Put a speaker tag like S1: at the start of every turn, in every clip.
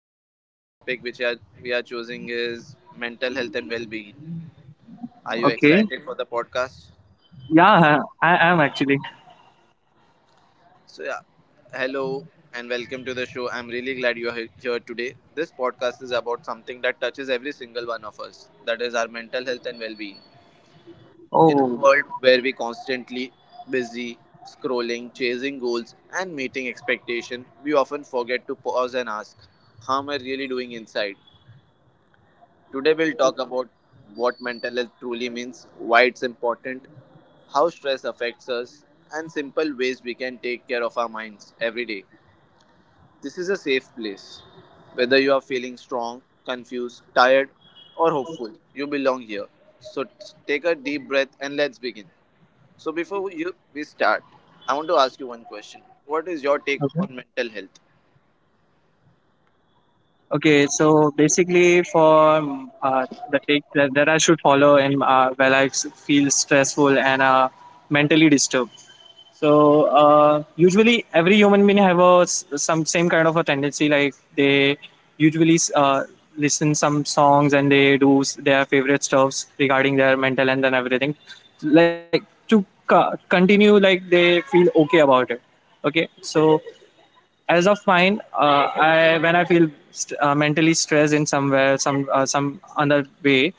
S1: So today the topic which are, we are choosing is mental health and well-being. Are you
S2: Okay.
S1: excited for the podcast?
S2: Yeah, hi, I am actually.
S1: So yeah, hello and welcome to the show. I'm really glad here today. This podcast is about something that touches every single one of us. That is our mental health and well-being. In
S2: Oh,
S1: a world where we constantly busy scrolling, chasing goals and meeting expectation, we often forget to pause and ask, how am I really doing inside? Today we'll talk about what mental health truly means, why it's important, how stress affects us, and simple ways we can take care of our minds every day. This is a safe place. Whether you are feeling strong, confused, tired, or hopeful, you belong here. So t- Take a deep breath and let's begin. So before you we start, I want to ask you one question. What is your take
S2: okay.
S1: on mental health?
S2: Okay. So basically, for the take that I should follow, and while feel stressful and mentally disturbed. So usually every human being have some same kind of a tendency, like they usually listen some songs, and they do their favorite stuffs regarding their mental health and everything, like to continue, like they feel okay about it. Okay, so as of mine, I when I feel mentally stressed in somewhere, some other way,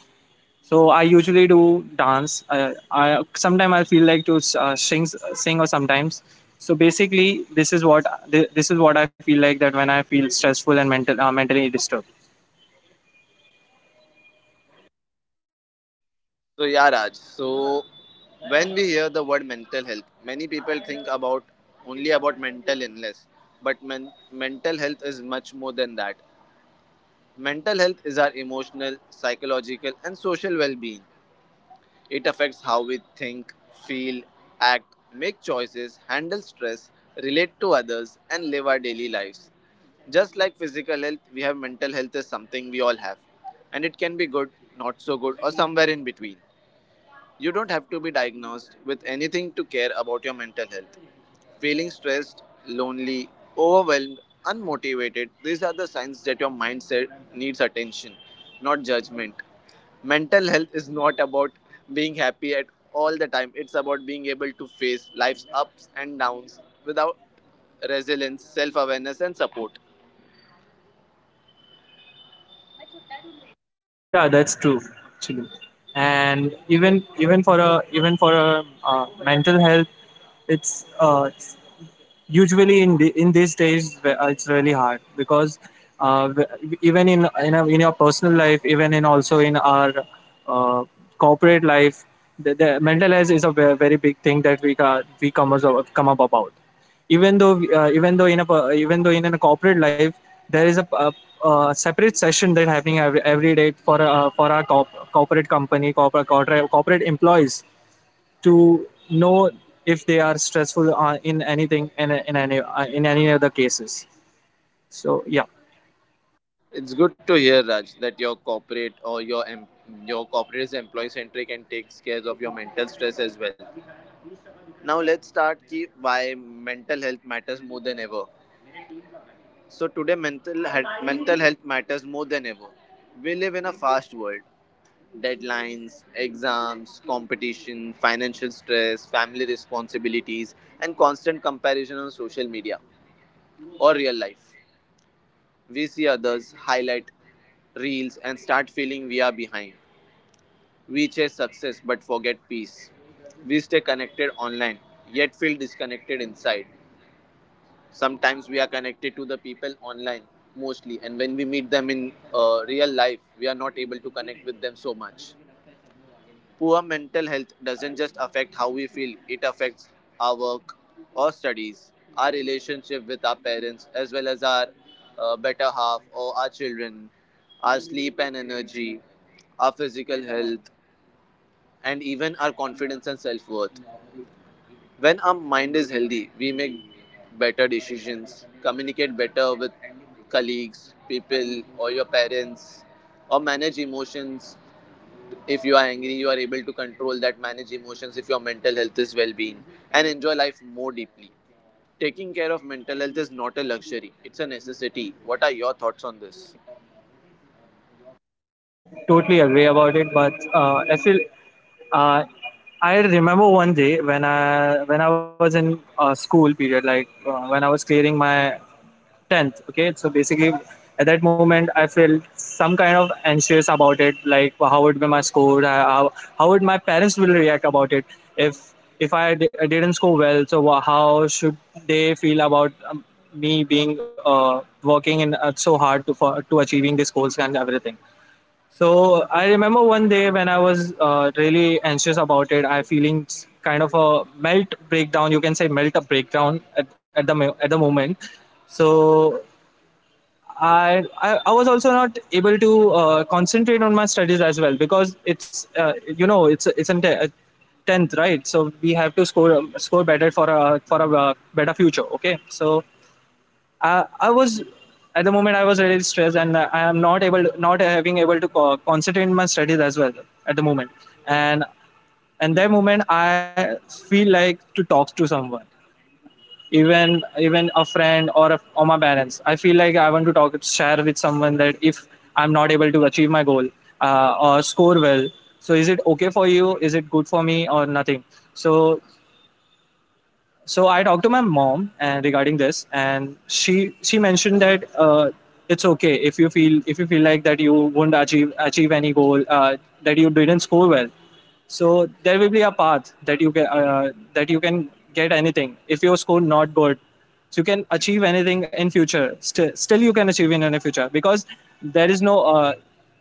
S2: so I usually do dance. I sometimes, I feel like to sing, sing, or sometimes, so basically, this is what, this is what I feel like, that when I feel stressful and mentally disturbed.
S1: So yeah, Raj. So when we hear the word mental health, many people think about only about mental illness, but mental health is much more than that. Mental health is our emotional, psychological, and social well-being. It affects how we think, feel, act, make choices, handle stress, relate to others, and live our daily lives. Just like physical health, we have mental health is something we all have. And it can be good, not so good, or somewhere in between. You don't have to be diagnosed with anything to care about your mental health. Feeling stressed, lonely, overwhelmed, unmotivated, these are the signs that your mindset needs attention, not judgment. Mental health is not about being happy at all the time. It's about being able to face life's ups and downs without resilience, self-awareness and support.
S2: Yeah, that's true, actually. And even, even for a, even for a, mental health, it's uh, usually in in these days, it's really hard, because even our, in your personal life, even in, also in our, uh, corporate life, the mental health is a very big thing that we come as come up about. Even though, even though in even though in a corporate life, there is a separate session that happening every day for our corporate company, corporate employees, to know if they are stressful, in anything and in any, in any other cases. So yeah.
S1: It's good to hear, Raj, that your corporate or your corporate is employee centric and takes care of your mental stress as well. Now let's start ki why mental health matters more than ever. So today mental health matters more than ever. We live in a fast world. Deadlines, exams, competition, financial stress, family responsibilities, and constant comparison on social media or real life. We see others highlight reels and start feeling we are behind. We chase success but forget peace. We stay connected online yet feel disconnected inside. Sometimes we are connected to the people online mostly, and when we meet them in real life, we are not able to connect with them so much. Poor mental health doesn't just affect how we feel, it affects our work, our studies, our relationship with our parents, as well as our better half or our children, our sleep and energy, our physical health, and even our confidence and self worth. When our mind is healthy, we make better decisions, communicate better with colleagues, people, or your parents, or manage emotions. If you are angry you are able to control that, manage emotions if your mental health is well-being, and enjoy life more deeply. Taking care of mental health is not a luxury, it's a necessity. What are your thoughts on this?
S2: Totally agree about it, but I feel, uh, I remember one day when I, when I was in school period, like when I was clearing my 10th. Okay, so basically, at that moment, I felt some kind of anxious about it, like, how would be my score, how would my parents will react about it if, I didn't score well. So how should they feel about me being working in so hard to, for to achieving these goals and everything. So I remember one day when I was really anxious about it. I feeling kind of a melt breakdown. You can say melt a breakdown at at the moment. So I was also not able to concentrate on my studies as well, because it's uh, it's in tenth, right. So we have to score better for a, for a, better future. Okay, so I was at the moment, I was really stressed, and I am not able, not having able to concentrate in my studies as well at the moment. and and that moment, I feel like to talk to someone, even, even a friend, or a, or my parents. I feel like I want to talk, share with someone, that if I'm not able to achieve my goal, or score well. So is it okay for you, is it good for me, or nothing. So, so I talked to my mom and regarding this, and she mentioned that, it's okay, if you feel, if you feel like that you won't achieve any goal, that you didn't score well. So there will be a path that you can get anything if your score not good. So you can achieve anything in future, still you can achieve in any future, because there is no,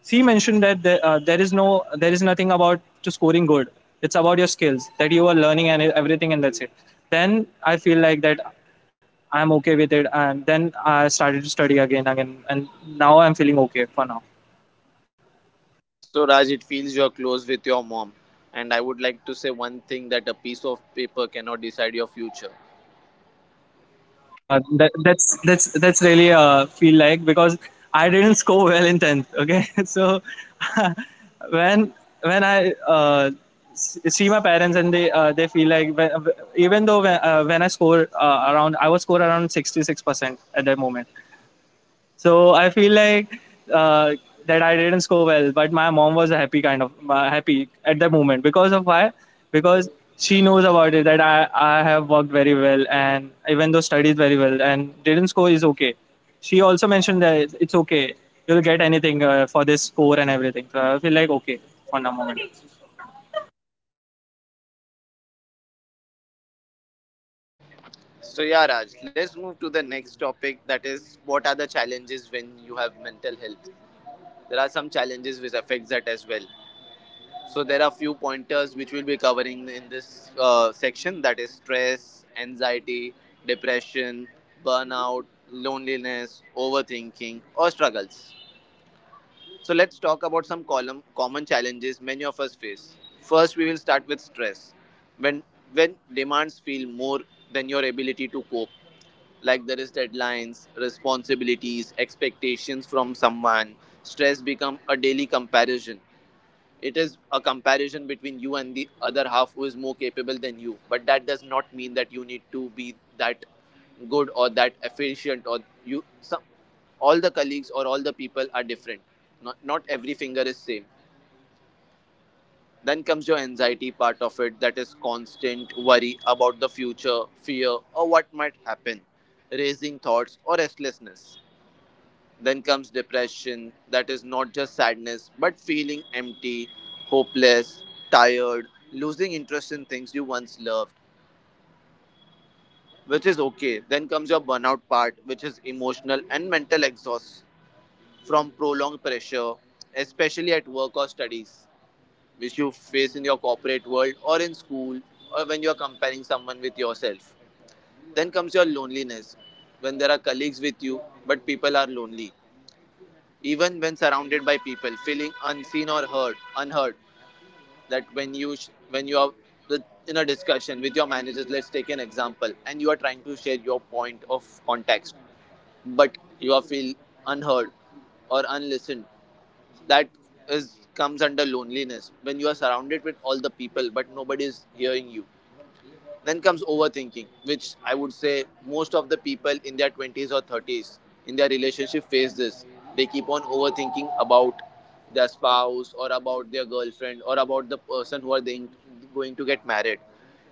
S2: she mentioned that there is no, there is nothing about to scoring good. It's about your skills that you are learning and everything, and that's it. Then I feel like that I'm okay with it, and then I started to study again, and now I'm feeling okay for now.
S1: So Raj, it feels you're close with your mom, and I would like to say one thing, that a piece of paper cannot decide your future.
S2: Okay, yeah, that's that's really feel like, because I didn't score well in tenth. Okay, so when when I see my parents, and they feel like when, even though when I score around, I was score around 66% at that moment. So I feel like, uh, that I didn't score well, but my mom was happy, kind of happy at that moment, because of why? Because she knows about it, that I have worked very well, and even though studied very well, and didn't score is okay. She also mentioned that it's okay. You'll get anything for this score and everything. So I feel like okay for the moment.
S1: So yeah Raj, let's move to the next topic, that is what are the challenges when you have mental health. There are some challenges which affects that as well. So there are few pointers which we'll be covering in this section, that is stress, anxiety, depression, burnout, loneliness, overthinking or struggles. So let's talk about common challenges many of us face. First we will start with stress. When when demands feel more than your ability to cope, like there is deadlines, responsibilities, expectations from someone, stress become a daily comparison. It is a comparison between you and the other half who is more capable than you. But that does not mean that you need to be that good or that efficient or you some all the colleagues or all the people are different. Not every finger is same. Then comes your anxiety part of it, that is constant worry about the future, fear or what might happen, raising thoughts or restlessness. Then comes depression, that is not just sadness, but feeling empty, hopeless, tired, losing interest in things you once loved, which is okay. Then comes your burnout part, which is emotional and mental exhaust from prolonged pressure, especially at work or studies, which you face in your corporate world or in school or when you are comparing someone with yourself. Then comes your loneliness, when there are colleagues with you, but people are lonely even when surrounded by people, feeling unseen or heard unheard. That when you are in a discussion with your managers, let's take an example, and you are trying to share your point of context, but you are feel unheard or unlistened, that is comes under loneliness when you are surrounded with all the people but nobody is hearing you. Then comes overthinking, which I would say most of the people in their 20s or 30s in their relationship face this. They keep on overthinking about their spouse or about their girlfriend or about the person who are they going to get married.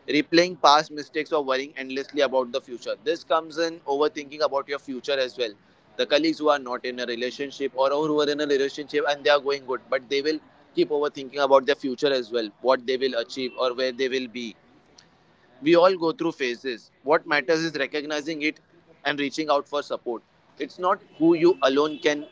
S1: Replaying past mistakes or worrying endlessly about the future. This comes in overthinking about your future as well. The colleagues who are not in a relationship or who are in a relationship and they are going good, but they will keep overthinking about their future as well, what they will achieve or where they will be. We all go through phases. What matters is recognizing it and reaching out for support. It's not who you alone can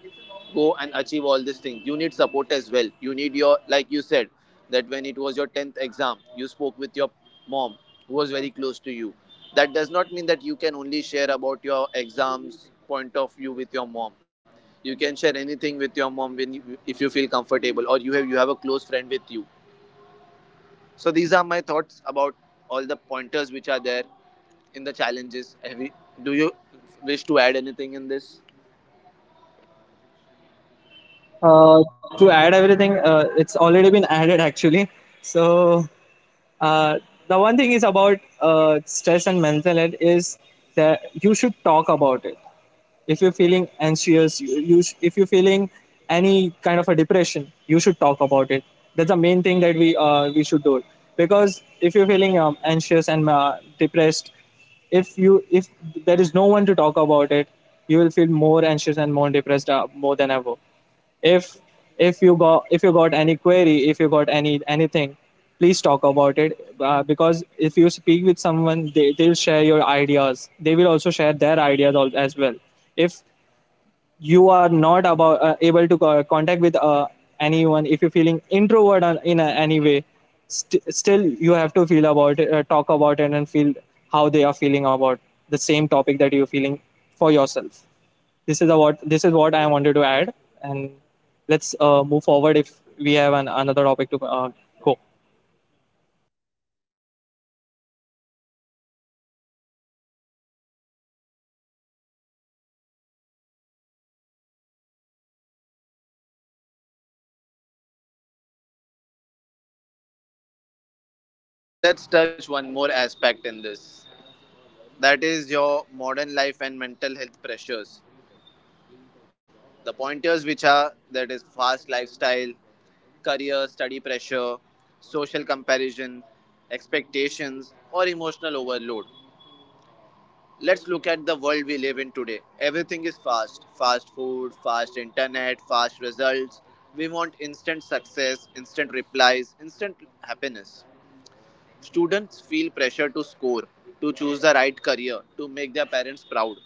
S1: go and achieve all these things. You need support as well. You need your, like you said, that when it was your 10th exam, you spoke with your mom who was very close to you. That does not mean that you can only share about your exams point of view with your mom. You can share anything with your mom when you, if you feel comfortable or you have a close friend with you. So these are my thoughts about all the pointers which are there in the challenges. Do you wish to add anything in this?
S2: Uh, to add everything, it's already been added, actually. So Uh, the one thing is about stress and mental health is that you should talk about it. If you're feeling anxious, if you're feeling any kind of a depression, you should talk about it. That's the main thing that we should do. Because if you're feeling anxious and depressed, if you, if there is no one to talk about it, you will feel more anxious and more depressed more than ever. if if you got, if you got any query, if you got any anything, please talk about it, because if you speak with someone, they'll share your ideas, they will also share their ideas as well. If you are not about able to contact with anyone, if you're feeling introvert, in a, any way, still you have to feel about it, talk about it, and feel how they are feeling about the same topic that you're feeling for yourself. This is a what, this is what I wanted to add. And let's move forward if we have an, another topic to go.
S1: Now let's touch one more aspect in this. That is your modern life and mental health pressures. The pointers which are that is fast lifestyle, career, study pressure, social comparison, expectations or emotional overload. Let's look at the world we live in today. Everything is fast. Fast food, fast internet, fast results. We want instant success, instant replies, instant happiness. Students feel pressure to score, to choose the right career, to make their parents proud.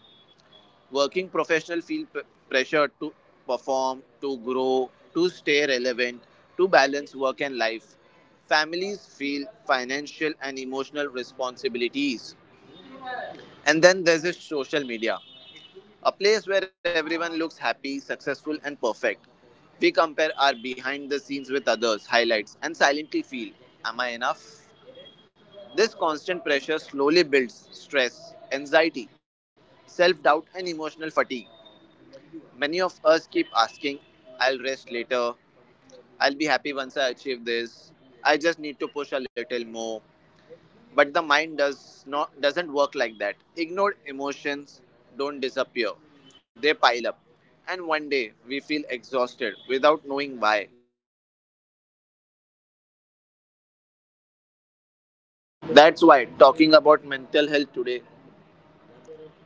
S1: Working professionals feel pressure to perform, to grow, to stay relevant, to balance work and life. Families feel financial and emotional responsibilities. And then there's this social media, a place where everyone looks happy, successful, and perfect. We compare our behind the scenes with others' highlights and silently feel, am I enough? This constant pressure slowly builds stress, anxiety, self doubt, and emotional fatigue. Many of us keep asking, I'll rest later, I'll be happy once I achieve this, I just need to push a little more. But the mind doesn't work like that. Ignored emotions don't disappear. They pile up. And one day we feel exhausted without knowing why. That's why talking about mental health today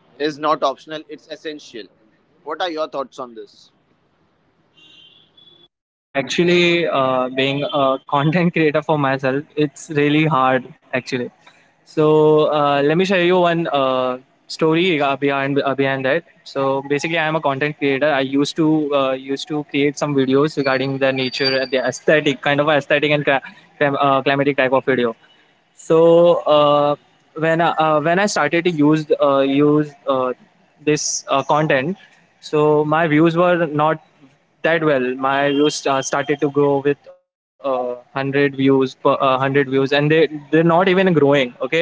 S1: is not optional, it's essential. What are your thoughts on this?
S2: Actually, being a content creator for myself, it's really hard, actually. So let me share you one story behind, behind that. So basically, I am a content creator. I used to used to create some videos regarding the nature, the aesthetic, kind of aesthetic, and climatic type of video. So when I started to use this content, so my views were not that well. My views started to grow with hundred views per hundred views, and they, they're not even growing. Okay,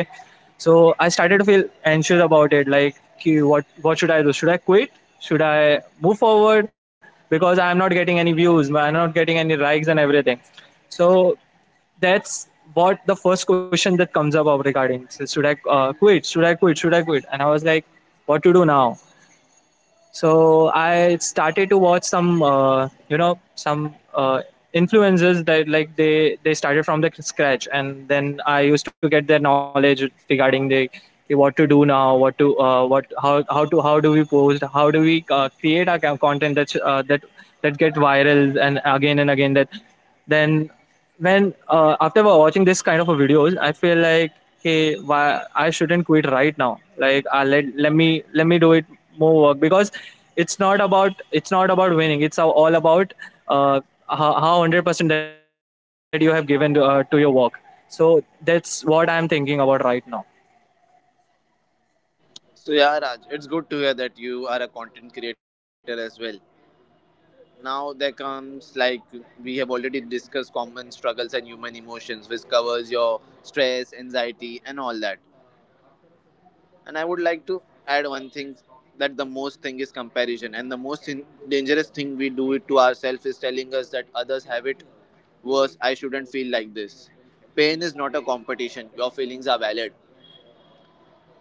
S2: so I started to feel anxious about it. Like, "Ki, what should I do? Should I quit? Should I move forward? Because I'm not getting any views. I'm not getting any likes and everything. So that's what the first question that comes up regarding. So should I quit, should I quit, should I quit, and I was like, what to do now. So I started to watch some, you know, some, uh, influences, that like they started from the scratch, and then I used to get their knowledge regarding the, what to do now, what to what how to, how do we post, how do we create our content, that that, that get viral, and again and again, that then when after watching this kind of a videos, I feel like, hey, why I shouldn't quit right now, like I, let me, let me do it more work, because it's not about, it's not about winning, it's all about uh, how 100% that you have given to your work. So that's what I'm thinking about right now.
S1: So yeah Raj, it's good to hear that you are a content creator as well. Now, there comes like we have already discussed common struggles and human emotions, which covers your stress, anxiety, and all that. And I would like to add one thing, that the most thing is comparison, and the most dangerous thing we do it to ourselves is telling us that others have it worse. I shouldn't feel like this. Pain is not a competition. Your feelings are valid.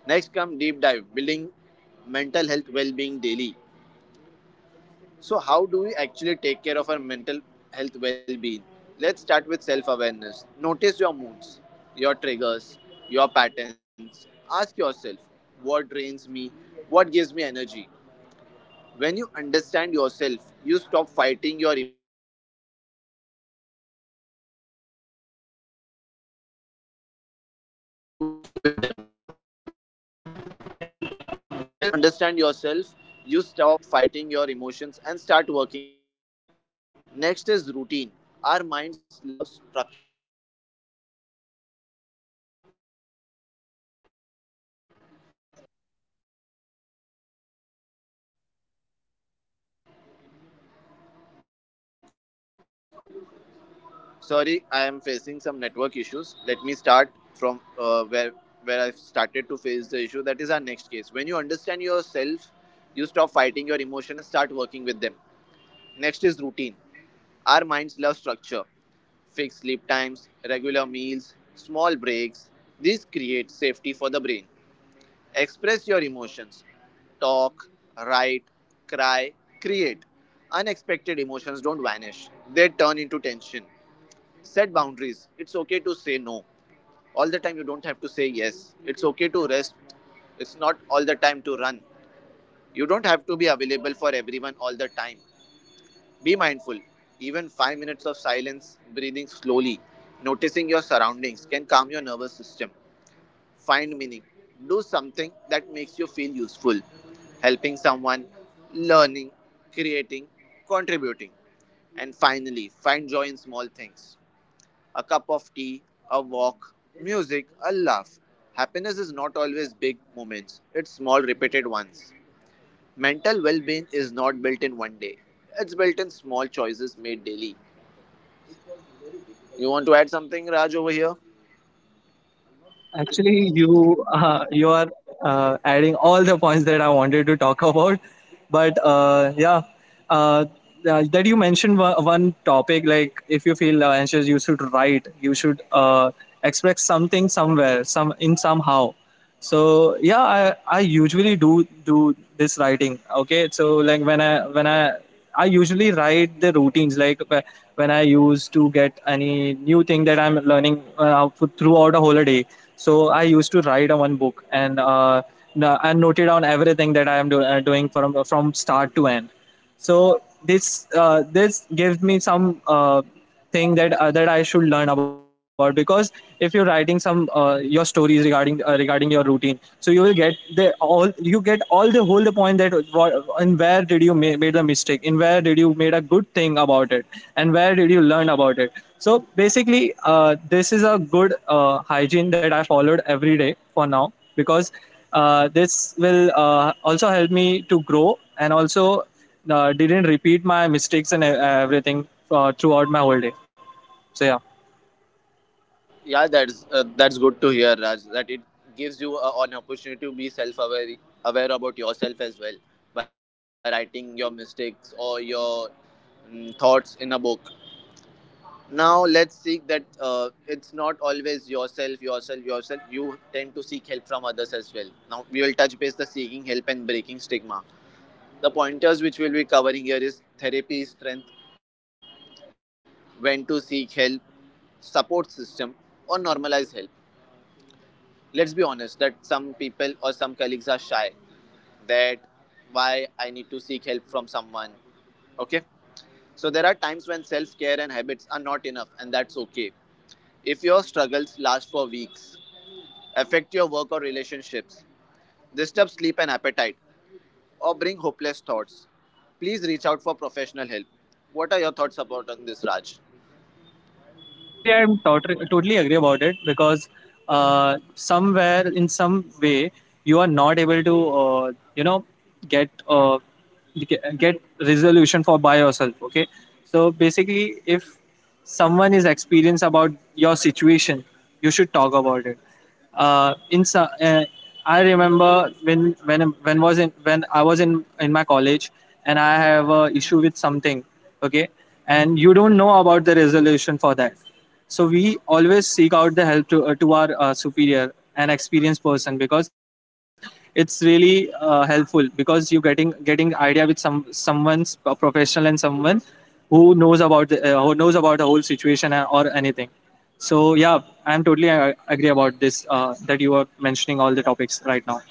S1: Next come deep dive building mental health well-being daily. So how do we actually take care of our mental health well-being? Let's start with self-awareness. Notice your moods, your triggers, your patterns. Ask yourself what drains me, what gives me energy. When you understand yourself, you stop fighting your
S3: And start working with them. When you understand yourself, you stop fighting your emotions and start working with them. Next is routine. Our minds love structure. Sorry, I am facing some network issues. Let me start from where I've started to face the issue. That is our next case. When you understand yourself, you stop fighting your emotion and start working with them. Next is routine. Our minds love structure fixed sleep times, regular meals, small breaks. This creates safety for the brain. Express your emotions. Talk, write, cry, create. Unexpected emotions don't vanish, they turn into tension. Set boundaries. It's okay to say no. All the time, you don't have to say yes. It's okay to rest. It's not all the time to run. You don't have to be available for everyone all the time. Be mindful. Even 5 minutes of silence, breathing slowly, noticing your surroundings can calm your nervous system. Find meaning. Do something that makes you feel useful. Helping someone, learning, creating, contributing. And finally, find joy in small things. A cup of tea, a walk, music, a laugh. Happiness is not always big moments, it's small repeated ones. Mental well being is not built in one day, it's built in small choices made daily. You want to add something, Raj, over here?
S2: Actually, you you are adding all the points that I wanted to talk about, but yeah, uh, that you mentioned one topic, like if you feel anxious, you should write. You should express something somewhere, some in somehow. So yeah, I usually do this writing. Okay, so like when I, when I usually write the routines, like when I used to get any new thing that I'm learning, throughout a whole day. So I used to write a one book, and and noted down everything that I am doing from start to end. So this, this gives me some thing that that I should learn about. Because if you're writing some, your stories regarding, regarding your routine, so you will get the all, you get all the whole the point, that what, and where did you made a mistake, in where did you made a good thing about it, and where did you learn about it. So basically, this is a good hygiene that I followed every day for now, because this will also help me to grow, and also didn't repeat my mistakes and everything throughout my whole day. So yeah,
S3: Yeah, that's good to hear, Raj. That it gives you a, an opportunity to be self-aware, aware about yourself as well by writing your mistakes or your thoughts in a book. Now let's seek that it's not always yourself, yourself, yourself. You tend to seek help from others as well. Now we will touch base the seeking help and breaking stigma. The pointers which we'll be covering here is therapy strength, when to seek help, support system, or normalize help. Let's be honest that some people or some colleagues are shy that why I need to seek help from someone. Okay. So there are times when self care and habits are not enough, and that's okay. If your struggles last for weeks, affect your work or relationships, disturb sleep and appetite, or bring hopeless thoughts, please reach out for professional help. What are your thoughts about on this, Raj?
S2: actually, I'm totally agree about it because somewhere in some way you are not able to get uh, get resolution for by yourself. Okay, so basically if someone is experienced about your situation, you should talk about it uh, in so- uh, I remember when I was in my college and I have a issue with something, okay, and you don't know about the resolution for that. So we always seek out the help to our superior, an experienced person, because it's really helpful because you getting idea with someone's a professional and someone who knows about the who knows about the whole situation or anything. So yeah, I'm totally agree about this that you are mentioning all the topics right now.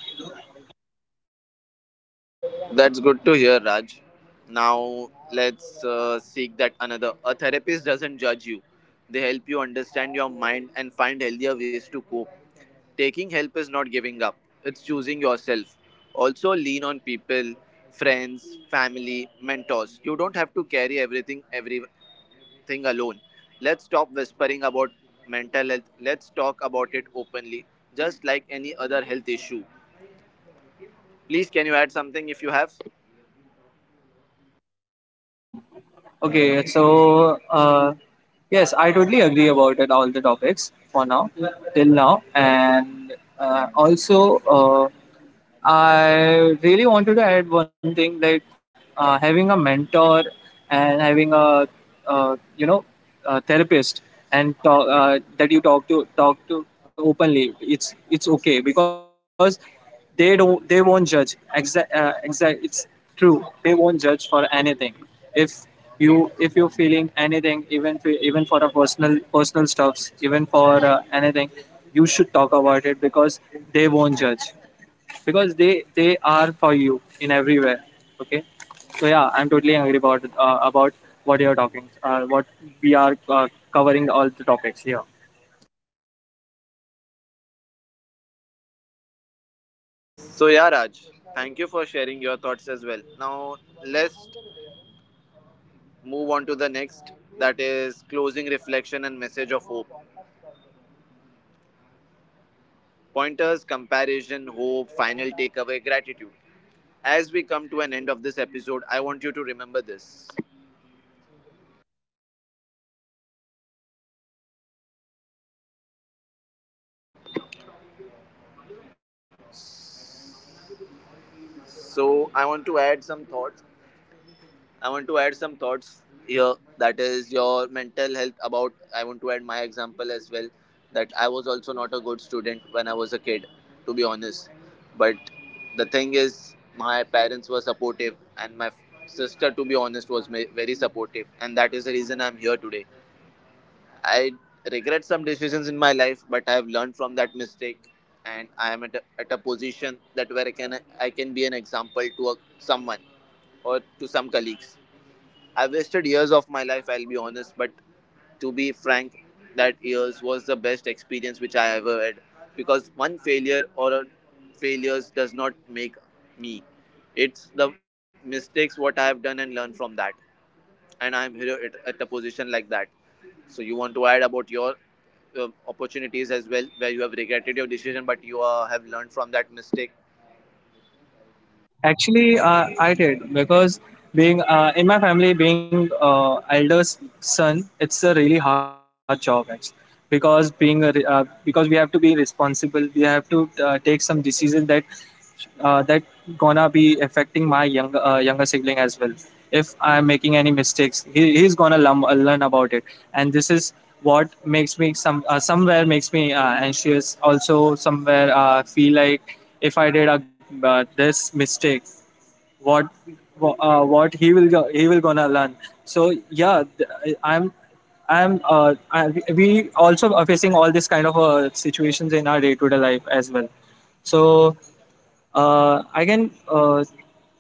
S3: That's good to hear, Raj. Now let's seek that another. A therapist doesn't judge you, they help you understand your mind and find healthier ways to cope. Taking help is not giving up, it's choosing yourself. Also, lean on people, friends, family, mentors. You don't have to carry everything alone. Let's stop whispering about mental health. Let's talk about it openly, just like any other health issue. Please, can you add something if you have?
S2: Okay, so yes, I totally agree about it all the topics for now till now, and also I really wanted to add one thing like having a mentor and having a uh, you know a therapist and talk, that you talk to talk to openly. It's okay because they don't. They won't judge. Exact. Exact. It's true. They won't judge for anything. If you if you're feeling anything, even for a personal stuffs, even for anything, you should talk about it because they won't judge. Because they are for you in everywhere. Okay. So yeah, I'm totally angry about what you're talking, what we are covering all the topics here.
S3: So yeah, Raj, thank you for sharing your thoughts as well. Now let's move on to the next that is closing reflection and message of hope. Pointers, comparison, hope, final takeaway, gratitude. As we come to an end of this episode, I want you to remember this. So I want to add some thoughts here. That is your mental health. About I want to add my example as well. That I was also not a good student when I was a kid, to be honest. But the thing is, my parents were supportive, and my sister, to be honest, was very supportive, and that is the reason I'm here today. I regret some decisions in my life, but I have learned from that mistake, and I am at a position that where I can be an example to a, someone or to some colleagues. I've wasted years of my life, I'll be honest, but to be frank, that years was the best experience which I ever had because one failure or a failures does not make me. It's the mistakes what I have done and learn from that. And I'm here at a position like that. So you want to add about your opportunities as well, where you have regretted your decision, but you have learned from that mistake.
S2: Actually, I did because being in my family, being eldest son, it's a really hard job actually. Because because we have to be responsible, we have to take some decisions that uh, that gonna be affecting my younger younger sibling as well. If I'm making any mistakes, he's gonna learn about it, and this is what makes me somewhere makes me anxious. Also, somewhere feel like if I did this mistake, what he will gonna learn. So I'm uh, I, we also are facing all this kind of situations in our day to day life as well. So I can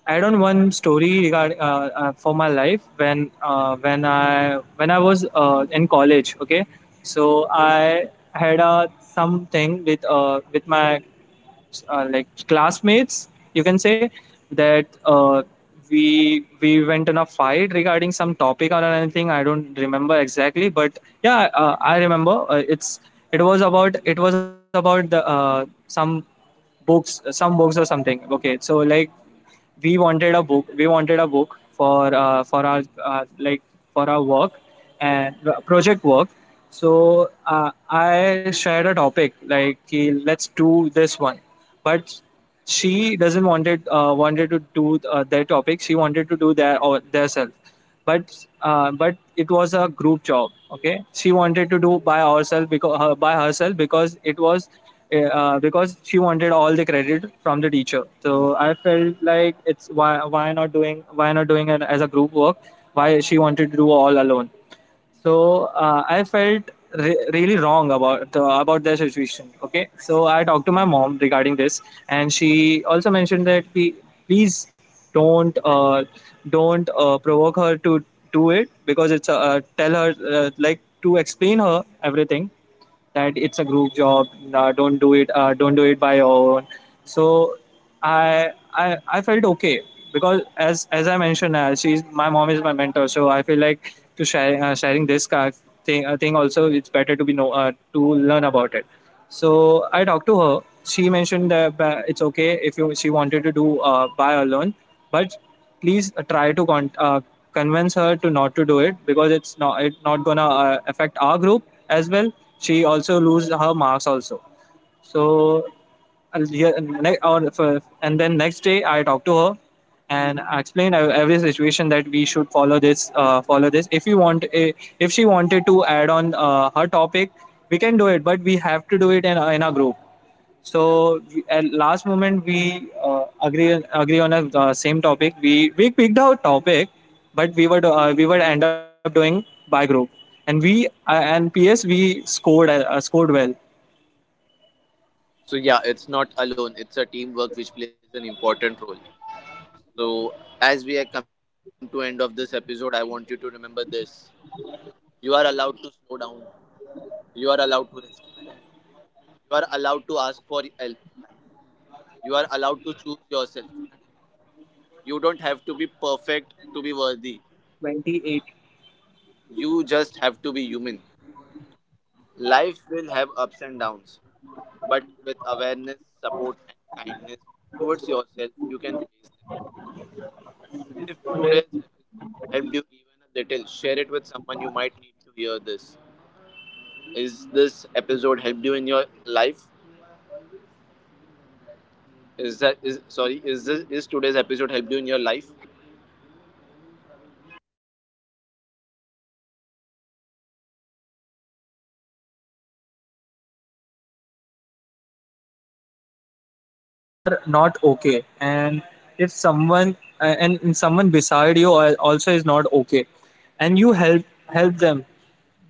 S2: add on one story regarding for my life when I was in college. Okay, so I had something with my like classmates, you can say, that we went in a fight regarding some topic or anything. I don't remember exactly, but yeah, I remember it's it was about the some books or something. Okay, so like we wanted a book for our like for our work and project work. So I shared a topic like, "Okay, let's do this one," but she doesn't wanted to do their topic. She wanted to do their or their self, but but it was a group job. Okay, she wanted to do by herself because by herself because it was because she wanted all the credit from the teacher. So I felt like, it's why not doing it as a group work? Why she wanted to do all alone? So I felt really wrong about the situation. Okay, so I talked to my mom regarding this, and she also mentioned that, we, please don't provoke her to do it because it's tell her like to explain her everything that it's a group job. Don't do it by your own. So I felt okay because as I mentioned she's my mom is my mentor, so I feel like to sharing this thing also, it's better to be know to learn about it. So I talked to her, she mentioned that it's okay if you she wanted to do by alone, but please try to convince her to not to do it because it's not gonna affect our group as well. She also lose her marks also. So I'll- yeah, and then next day I talked to her and I explained every situation that we should follow this follow this. If you if she wanted to add on her topic, we can do it, but we have to do it in our group. So at last moment we agree on a same topic. We picked our topic, but we would end up doing by group, and we and PS we scored scored well.
S3: So yeah, it's not alone. It's a teamwork which plays an important role. So as we have come to end of this episode, I want you to remember this. You are allowed to slow down. You are allowed to rest. You are allowed to ask for help. You are allowed to choose yourself. You don't have to be perfect to be worthy.
S2: 28.
S3: You just have to be human. Life will have ups and downs, but with awareness, support, and kindness towards yourself, you can face them. If today's episode helped you even a little, share it with someone you might need to hear this. Is this episode helped you in your life? Is that is sorry? Is this is today's episode helped you in your life?
S2: Yeah, it does actually because uh, you know uh, if you are not okay, and if someone and someone beside you also is not okay, and you help them,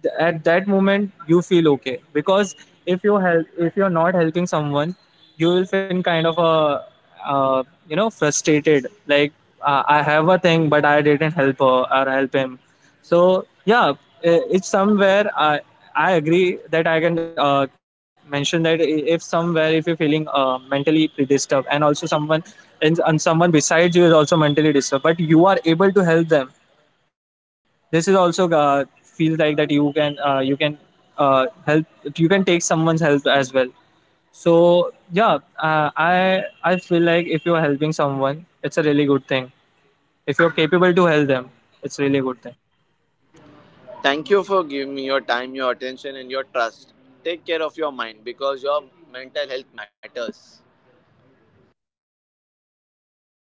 S2: at that moment you feel okay because if you're not helping someone, you will feel kind of a uh, frustrated, like I have a thing but I didn't help her or help him. So yeah, it's somewhere I agree that I can mention that, if somewhere, if you're feeling mentally disturbed, and also someone and someone besides you is also mentally disturbed, but you are able to help them, this is also feels like that you can help. You can take someone's help as well. So yeah, I feel like if you're helping someone, it's a really good thing. If you're capable to help them, it's really a good thing.
S3: Thank you for giving me your time, your attention, and your trust. Take care of your mind because your mental health matters.